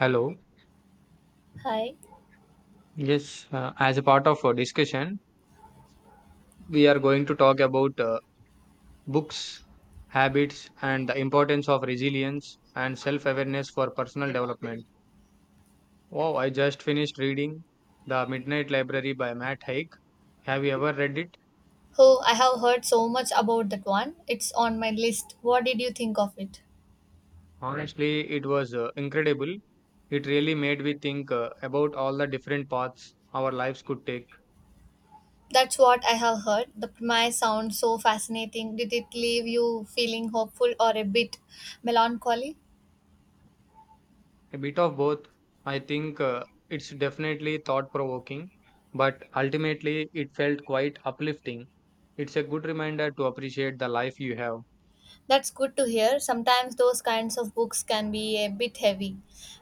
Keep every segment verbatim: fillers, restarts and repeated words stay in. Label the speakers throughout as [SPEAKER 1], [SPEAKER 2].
[SPEAKER 1] Hello.
[SPEAKER 2] Hi.
[SPEAKER 1] Yes, uh, as a part of our discussion, we are going to talk about uh, books, habits, and the importance of resilience and self awareness for personal development. Wow, I just finished reading The Midnight Library by Matt Haig. Have you ever read it?
[SPEAKER 2] Oh, I have heard so much about that one. It's on my list. What did you think of it?
[SPEAKER 1] Honestly, it was uh, incredible. It really made me think uh, about all the different paths our lives could take.
[SPEAKER 2] That's what I have heard. The premise sounds so fascinating. Did it leave you feeling hopeful or a bit melancholy?
[SPEAKER 1] A bit of both. I think uh, it's definitely thought provoking, but ultimately it felt quite uplifting. It's a good reminder to appreciate the life you have.
[SPEAKER 2] That's good to hear. Sometimes those kinds of books can be a bit heavy.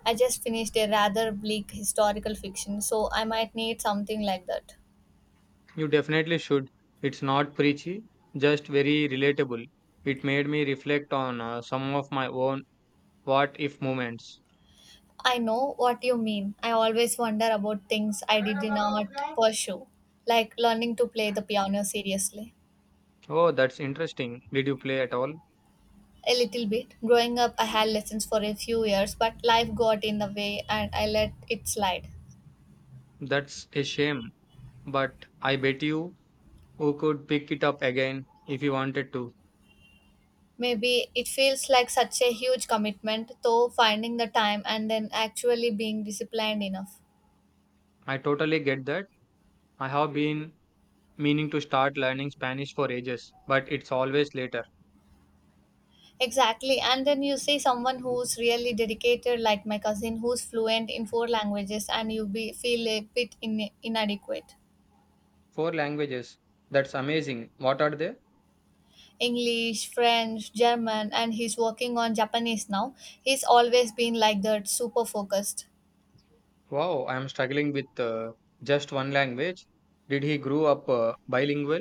[SPEAKER 2] I just finished a rather bleak historical fiction, so I might need something like that.
[SPEAKER 1] You definitely should. It's not preachy, just very relatable. It made me reflect on uh, some of my own what if moments.
[SPEAKER 2] I know what you mean. I always wonder about things I did not pursue, like learning to play the piano seriously.
[SPEAKER 1] Oh, that's interesting. Did you play at all?
[SPEAKER 2] A little bit. Growing up, I had lessons for a few years, but life got in the way and I let it slide.
[SPEAKER 1] That's a shame, but I bet you who could pick it up again if you wanted to.
[SPEAKER 2] Maybe it feels like such a huge commitment, though, finding the time and then actually being disciplined enough.
[SPEAKER 1] I totally get that I have been meaning to start learning Spanish for ages, but it's always later.
[SPEAKER 2] Exactly, and then you see someone who's really dedicated, like my cousin, who's fluent in four languages, and you be, feel a bit in, inadequate.
[SPEAKER 1] Four languages. That's amazing. What are they?
[SPEAKER 2] English, French, German, and he's working on Japanese now. He's always been like that, super focused.
[SPEAKER 1] Wow, I am struggling with uh, just one language. Did he grow up uh, bilingual?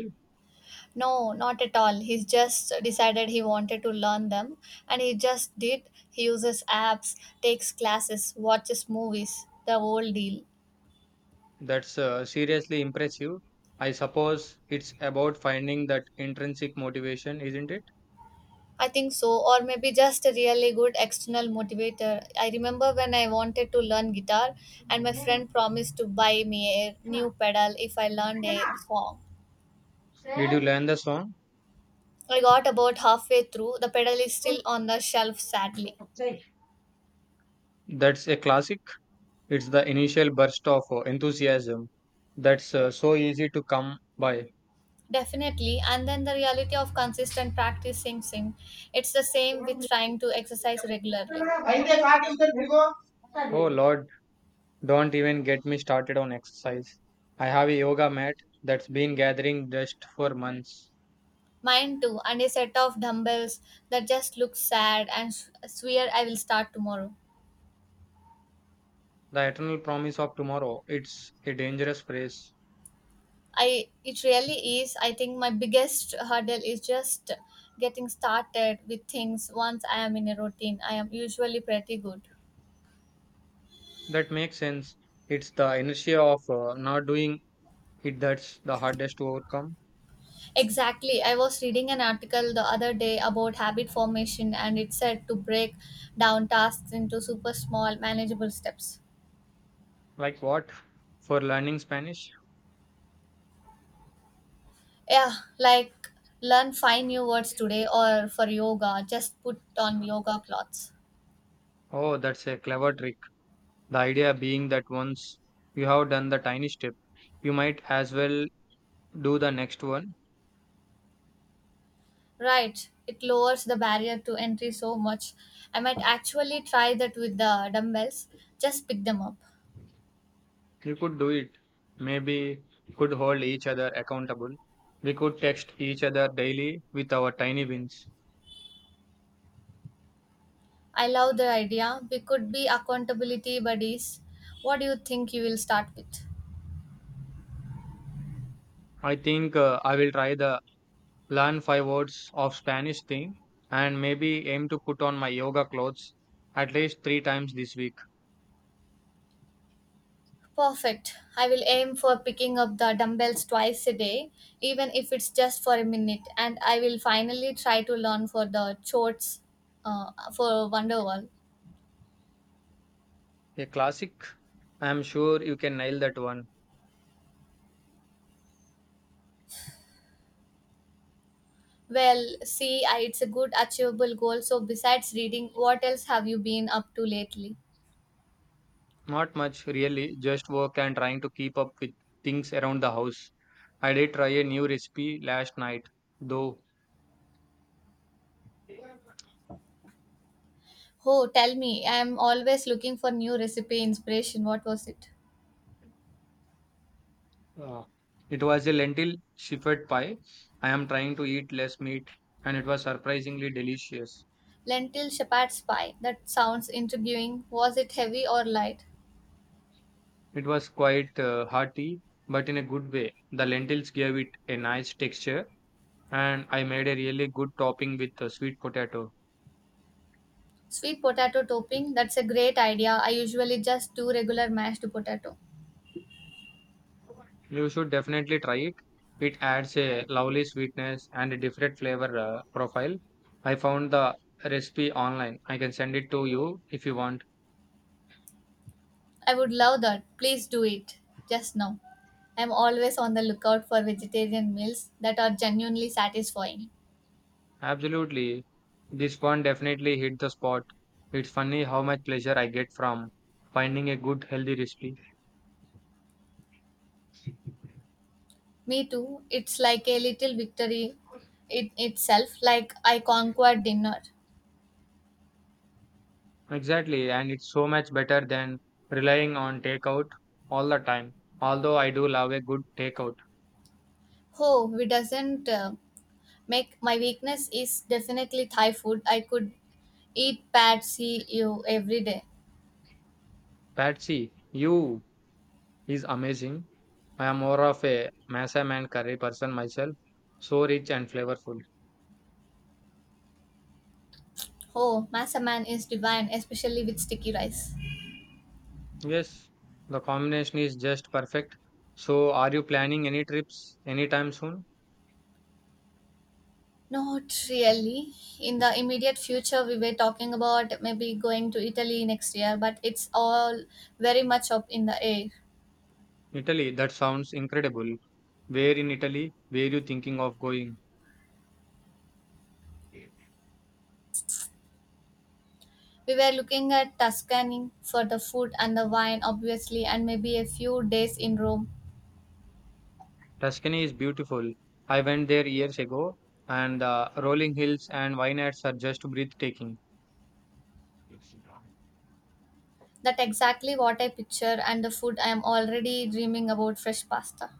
[SPEAKER 2] No, not at all. He's just decided he wanted to learn them, and he just did. He uses apps, takes classes, watches movies, the whole deal.
[SPEAKER 1] That's uh, seriously impressive. I suppose it's about finding that intrinsic motivation, isn't it?
[SPEAKER 2] I think so, or maybe just a really good external motivator. I remember when I wanted to learn guitar, and my friend promised to buy me a new pedal if I learned a song.
[SPEAKER 1] Did you learn the song?
[SPEAKER 2] I got about halfway through. The pedal is still on the shelf, sadly.
[SPEAKER 1] That's a classic. It's the initial burst of uh, enthusiasm that's uh, so easy to come by.
[SPEAKER 2] Definitely. And then the reality of consistent practice sinks in. It's the same with
[SPEAKER 1] Oh
[SPEAKER 2] trying to exercise regularly.
[SPEAKER 1] Lord, don't even get me started on exercise. I have a yoga mat that's been gathering dust for months.
[SPEAKER 2] Mine too, and a set of dumbbells that just look sad and s- swear I will start tomorrow.
[SPEAKER 1] The eternal promise of tomorrow. It's a dangerous phrase.
[SPEAKER 2] I it really is. I think my biggest hurdle is just getting started with things. Once I am in a routine, I am usually pretty good.
[SPEAKER 1] That makes sense. It's the inertia of uh, not doing it that's the hardest to overcome.
[SPEAKER 2] Exactly. I was reading an article the other day about habit formation and it said to break down tasks into super small, manageable steps.
[SPEAKER 1] Like what? For learning Spanish?
[SPEAKER 2] Yeah, like learn five new words today or for yoga, just put on yoga clothes.
[SPEAKER 1] Oh, that's a clever trick. The idea being that once you have done the tiny step, you might as well do the next one.
[SPEAKER 2] Right. It lowers the barrier to entry so much. I might actually try that with the dumbbells. Just pick them up.
[SPEAKER 1] You could do it. Maybe could hold each other accountable. We could text each other daily with our tiny wins.
[SPEAKER 2] I love the idea. We could be accountability buddies. What do you think you will start with?
[SPEAKER 1] I think uh, I will try the learn five words of Spanish thing and maybe aim to put on my yoga clothes at least three times this week.
[SPEAKER 2] Perfect. I will aim for picking up the dumbbells twice a day, even if it's just for a minute, and I will finally try to learn for the chorts uh, for Wonderwall.
[SPEAKER 1] A classic. I am sure you can nail that one.
[SPEAKER 2] Well, see, I, it's a good achievable goal. So, besides reading, what else have you been up to lately?
[SPEAKER 1] Not much really, just work and trying to keep up with things around the house. I did try a new recipe last night, though.
[SPEAKER 2] Oh, tell me. I'm always looking for new recipe inspiration. What was it?
[SPEAKER 1] Uh, it was a lentil shepherd pie. I am trying to eat less meat, and it was surprisingly delicious.
[SPEAKER 2] Lentil shepherd's pie. That sounds intriguing. Was it heavy or light?
[SPEAKER 1] It was quite uh, hearty, but in a good way. The lentils gave it a nice texture, and I made a really good topping with uh, sweet potatoes.
[SPEAKER 2] Sweet potato topping, that's a great idea. I usually just do regular mashed potato.
[SPEAKER 1] You should definitely try it. It adds a lovely sweetness and a different flavor uh, profile. I found the recipe online. I can send it to you if you want.
[SPEAKER 2] I would love that. Please do it. Just now. I'm always on the lookout for vegetarian meals that are genuinely satisfying.
[SPEAKER 1] Absolutely. This one definitely hit the spot. It's funny how much pleasure I get from finding a good healthy recipe.
[SPEAKER 2] Me too. It's like a little victory in itself, like I conquered dinner.
[SPEAKER 1] Exactly, and it's so much better than relying on takeout all the time. Although I do love a good takeout.
[SPEAKER 2] Oh, we doesn't uh, make my weakness is definitely Thai food. I could eat pad see you every day.
[SPEAKER 1] Patsy, you is amazing. I am more of a masam and curry person myself, so rich and flavorful.
[SPEAKER 2] Oh, masa man is divine, especially with sticky rice.
[SPEAKER 1] Yes, the combination is just perfect. So, are you planning any trips anytime soon?
[SPEAKER 2] Not really. In the immediate future, we were talking about maybe going to Italy next year, but it's all very much up in the air.
[SPEAKER 1] Italy, that sounds incredible. Where in Italy were you thinking of going?
[SPEAKER 2] We were looking at Tuscany for the food and the wine, obviously, and maybe a few days in Rome.
[SPEAKER 1] Tuscany is beautiful. I went there years ago, and the rolling hills and vineyards are just breathtaking.
[SPEAKER 2] That exactly what I picture, and the food I am already dreaming about fresh pasta.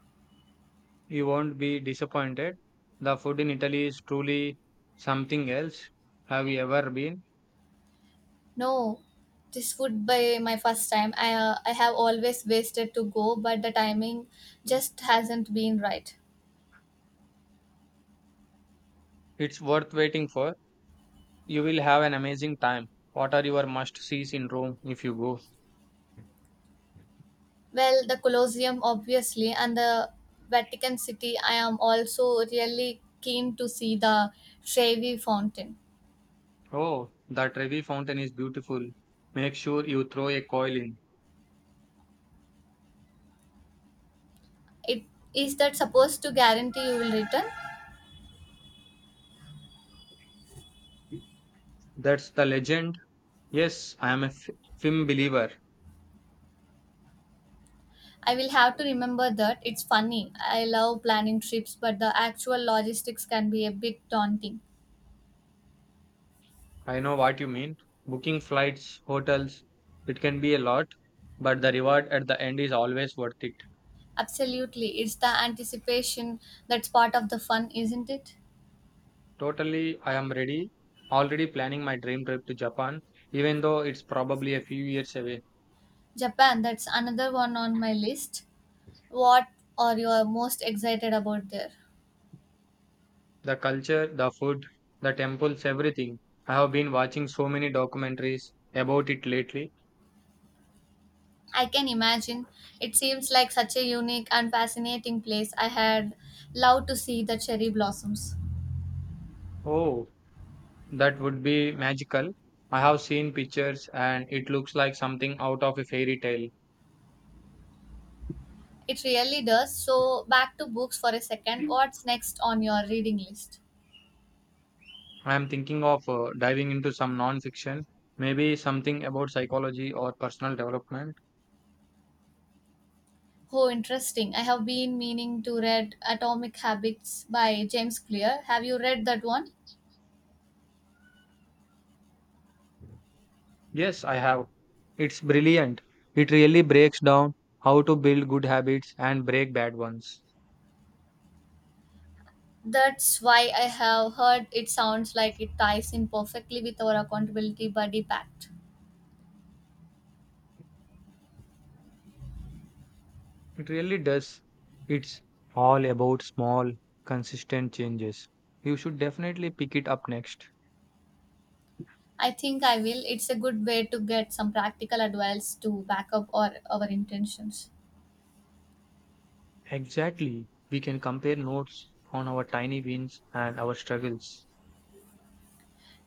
[SPEAKER 1] You won't be disappointed. The food in Italy is truly something else. Have you ever been?
[SPEAKER 2] No, this would be my first time. I, uh, I have always wasted to go, but the timing just hasn't been right.
[SPEAKER 1] It's worth waiting for. You will have an amazing time. What are your must sees in Rome if you go?
[SPEAKER 2] Well, the Colosseum, obviously, and the Vatican City. I am also really keen to see the Trevi Fountain.
[SPEAKER 1] Oh, that Trevi fountain is beautiful. Make sure you throw a coil in.
[SPEAKER 2] It is that supposed to guarantee you will return?
[SPEAKER 1] That's the legend. Yes, I am a f- film believer.
[SPEAKER 2] I will have to remember that. It's funny. I love planning trips, but the actual logistics can be a bit daunting.
[SPEAKER 1] I know what you mean. Booking flights, hotels, it can be a lot, but the reward at the end is always worth it.
[SPEAKER 2] Absolutely, it's the anticipation that's part of the fun, isn't it?
[SPEAKER 1] Totally, I am ready. Already planning my dream trip to Japan, even though it's probably a few years away.
[SPEAKER 2] Japan, that's another one on my list. What are you most excited about there?
[SPEAKER 1] The culture, the food, the temples, everything. I have been watching so many documentaries about it lately.
[SPEAKER 2] I can imagine. It seems like such a unique and fascinating place. I had loved to see the cherry blossoms.
[SPEAKER 1] Oh, that would be magical. I have seen pictures and it looks like something out of a fairy tale.
[SPEAKER 2] It really does. So, back to books for a second. What's next on your reading list?
[SPEAKER 1] I am thinking of uh, diving into some non fiction, maybe something about psychology or personal development.
[SPEAKER 2] Oh, interesting. I have been meaning to read Atomic Habits by James Clear. Have you read that one?
[SPEAKER 1] Yes, I have. It's brilliant. It really breaks down how to build good habits and break bad ones.
[SPEAKER 2] That's why I have heard it sounds like it ties in perfectly with our accountability buddy pact.
[SPEAKER 1] It really does. It's all about small, consistent changes. You should definitely pick it up next.
[SPEAKER 2] I think I will. It's a good way to get some practical advice to back up our, our intentions.
[SPEAKER 1] Exactly. We can compare notes on our tiny wins and our struggles.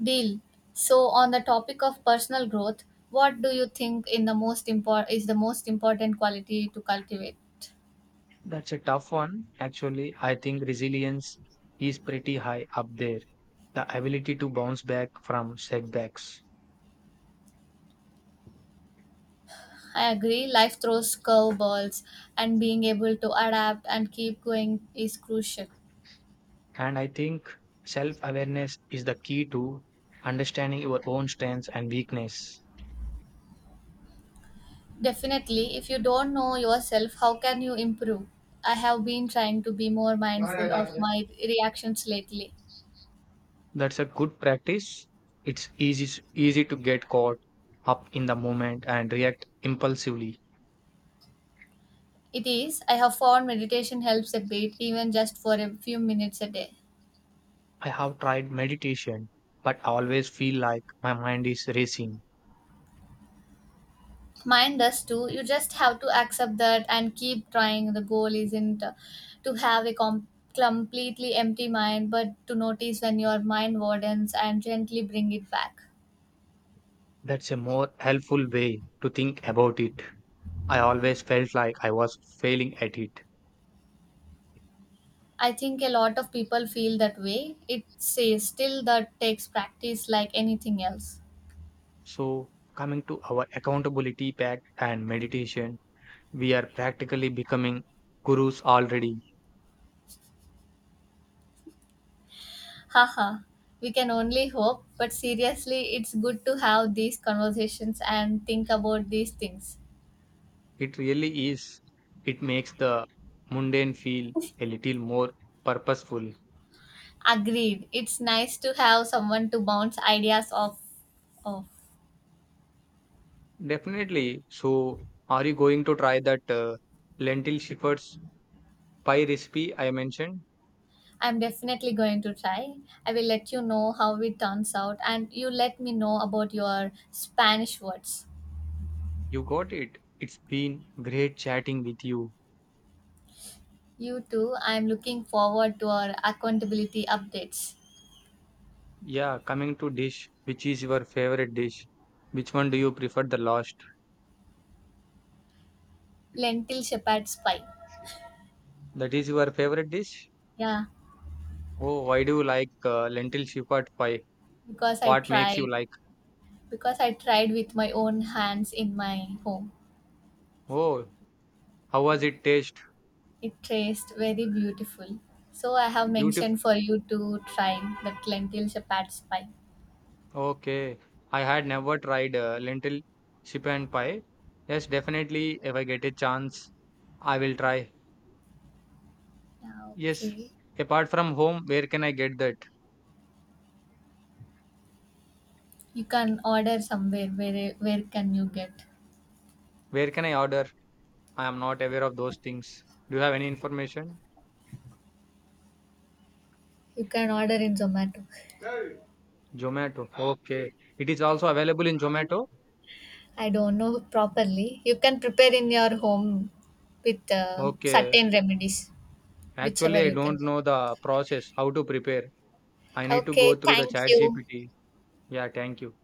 [SPEAKER 2] Deal. So on the topic of personal growth, what do you think in the most import is the most important quality to cultivate?
[SPEAKER 1] That's a tough one. Actually, I think resilience is pretty high up there. The ability to bounce back from setbacks.
[SPEAKER 2] I agree. Life throws curveballs, and being able to adapt and keep going is crucial.
[SPEAKER 1] And I think self awareness is the key to understanding your own strengths and weakness.
[SPEAKER 2] Definitely, if you don't know yourself, how can you improve? I have been trying to be more mindful of my reactions lately.
[SPEAKER 1] That's a good practice. It's easy s- easy to get caught up in the moment and react impulsively.
[SPEAKER 2] It is. I have found meditation helps a bit, even just for a few minutes a day.
[SPEAKER 1] I have tried meditation, but I always feel like my mind is racing.
[SPEAKER 2] Mine does too. You just have to accept that and keep trying. The goal isn't uh, to have a com- completely empty mind, but to notice when your mind wardens and gently bring it back.
[SPEAKER 1] That's a more helpful way to think about it. I always felt like I was failing at it.
[SPEAKER 2] I think a lot of people feel that way. It says still that takes practice like anything else.
[SPEAKER 1] So, coming to our accountability pact and meditation, we are practically becoming gurus already.
[SPEAKER 2] Haha, we can only hope, but seriously, it's good to have these conversations and think about these things.
[SPEAKER 1] It really is. It makes the mundane feel a little more purposeful.
[SPEAKER 2] Agreed. It's nice to have someone to bounce ideas off. off.
[SPEAKER 1] Definitely. So, are you going to try that uh, lentil shepherd's pie recipe I mentioned?
[SPEAKER 2] I'm definitely going to try. I will let you know how it turns out, and you let me know about your Spanish words.
[SPEAKER 1] You got it. It's been great chatting with you.
[SPEAKER 2] You too. I'm looking forward to our accountability updates.
[SPEAKER 1] Yeah, coming to dish, which is your favorite dish? Which one do you prefer the last?
[SPEAKER 2] Lentil shepherd's pie.
[SPEAKER 1] That is your favorite dish?
[SPEAKER 2] Yeah,
[SPEAKER 1] Oh, why do you like uh, lentil shepherd pie?
[SPEAKER 2] because I
[SPEAKER 1] What makes
[SPEAKER 2] tried.
[SPEAKER 1] you like?
[SPEAKER 2] Because I tried with my own hands in my home.
[SPEAKER 1] Oh, how was it taste?
[SPEAKER 2] It tastes very beautiful. So I have
[SPEAKER 1] Beautiful.
[SPEAKER 2] mentioned for you to try that lentil shepherd's pie.
[SPEAKER 1] Okay. I had never tried uh, lentil chip and pie. Yes, definitely. If I get a chance, I will try.
[SPEAKER 2] Yeah,
[SPEAKER 1] Yes.
[SPEAKER 2] okay.
[SPEAKER 1] Apart from home, where can I get that?
[SPEAKER 2] You can order somewhere. Where where can you get?
[SPEAKER 1] Where can I order? I am not aware of those things. Do you have any information?
[SPEAKER 2] You can order in Zomato.
[SPEAKER 1] Zomato. Okay. It is also available in Zomato.
[SPEAKER 2] I don't know properly. You can prepare in your home with uh,
[SPEAKER 1] Okay.
[SPEAKER 2] certain remedies,
[SPEAKER 1] Actually,
[SPEAKER 2] whichever
[SPEAKER 1] I
[SPEAKER 2] you
[SPEAKER 1] don't
[SPEAKER 2] can.
[SPEAKER 1] know the process, how to prepare. I need to go
[SPEAKER 2] Okay,
[SPEAKER 1] through the
[SPEAKER 2] thank
[SPEAKER 1] chat
[SPEAKER 2] you.
[SPEAKER 1] G P T. Yeah, thank you.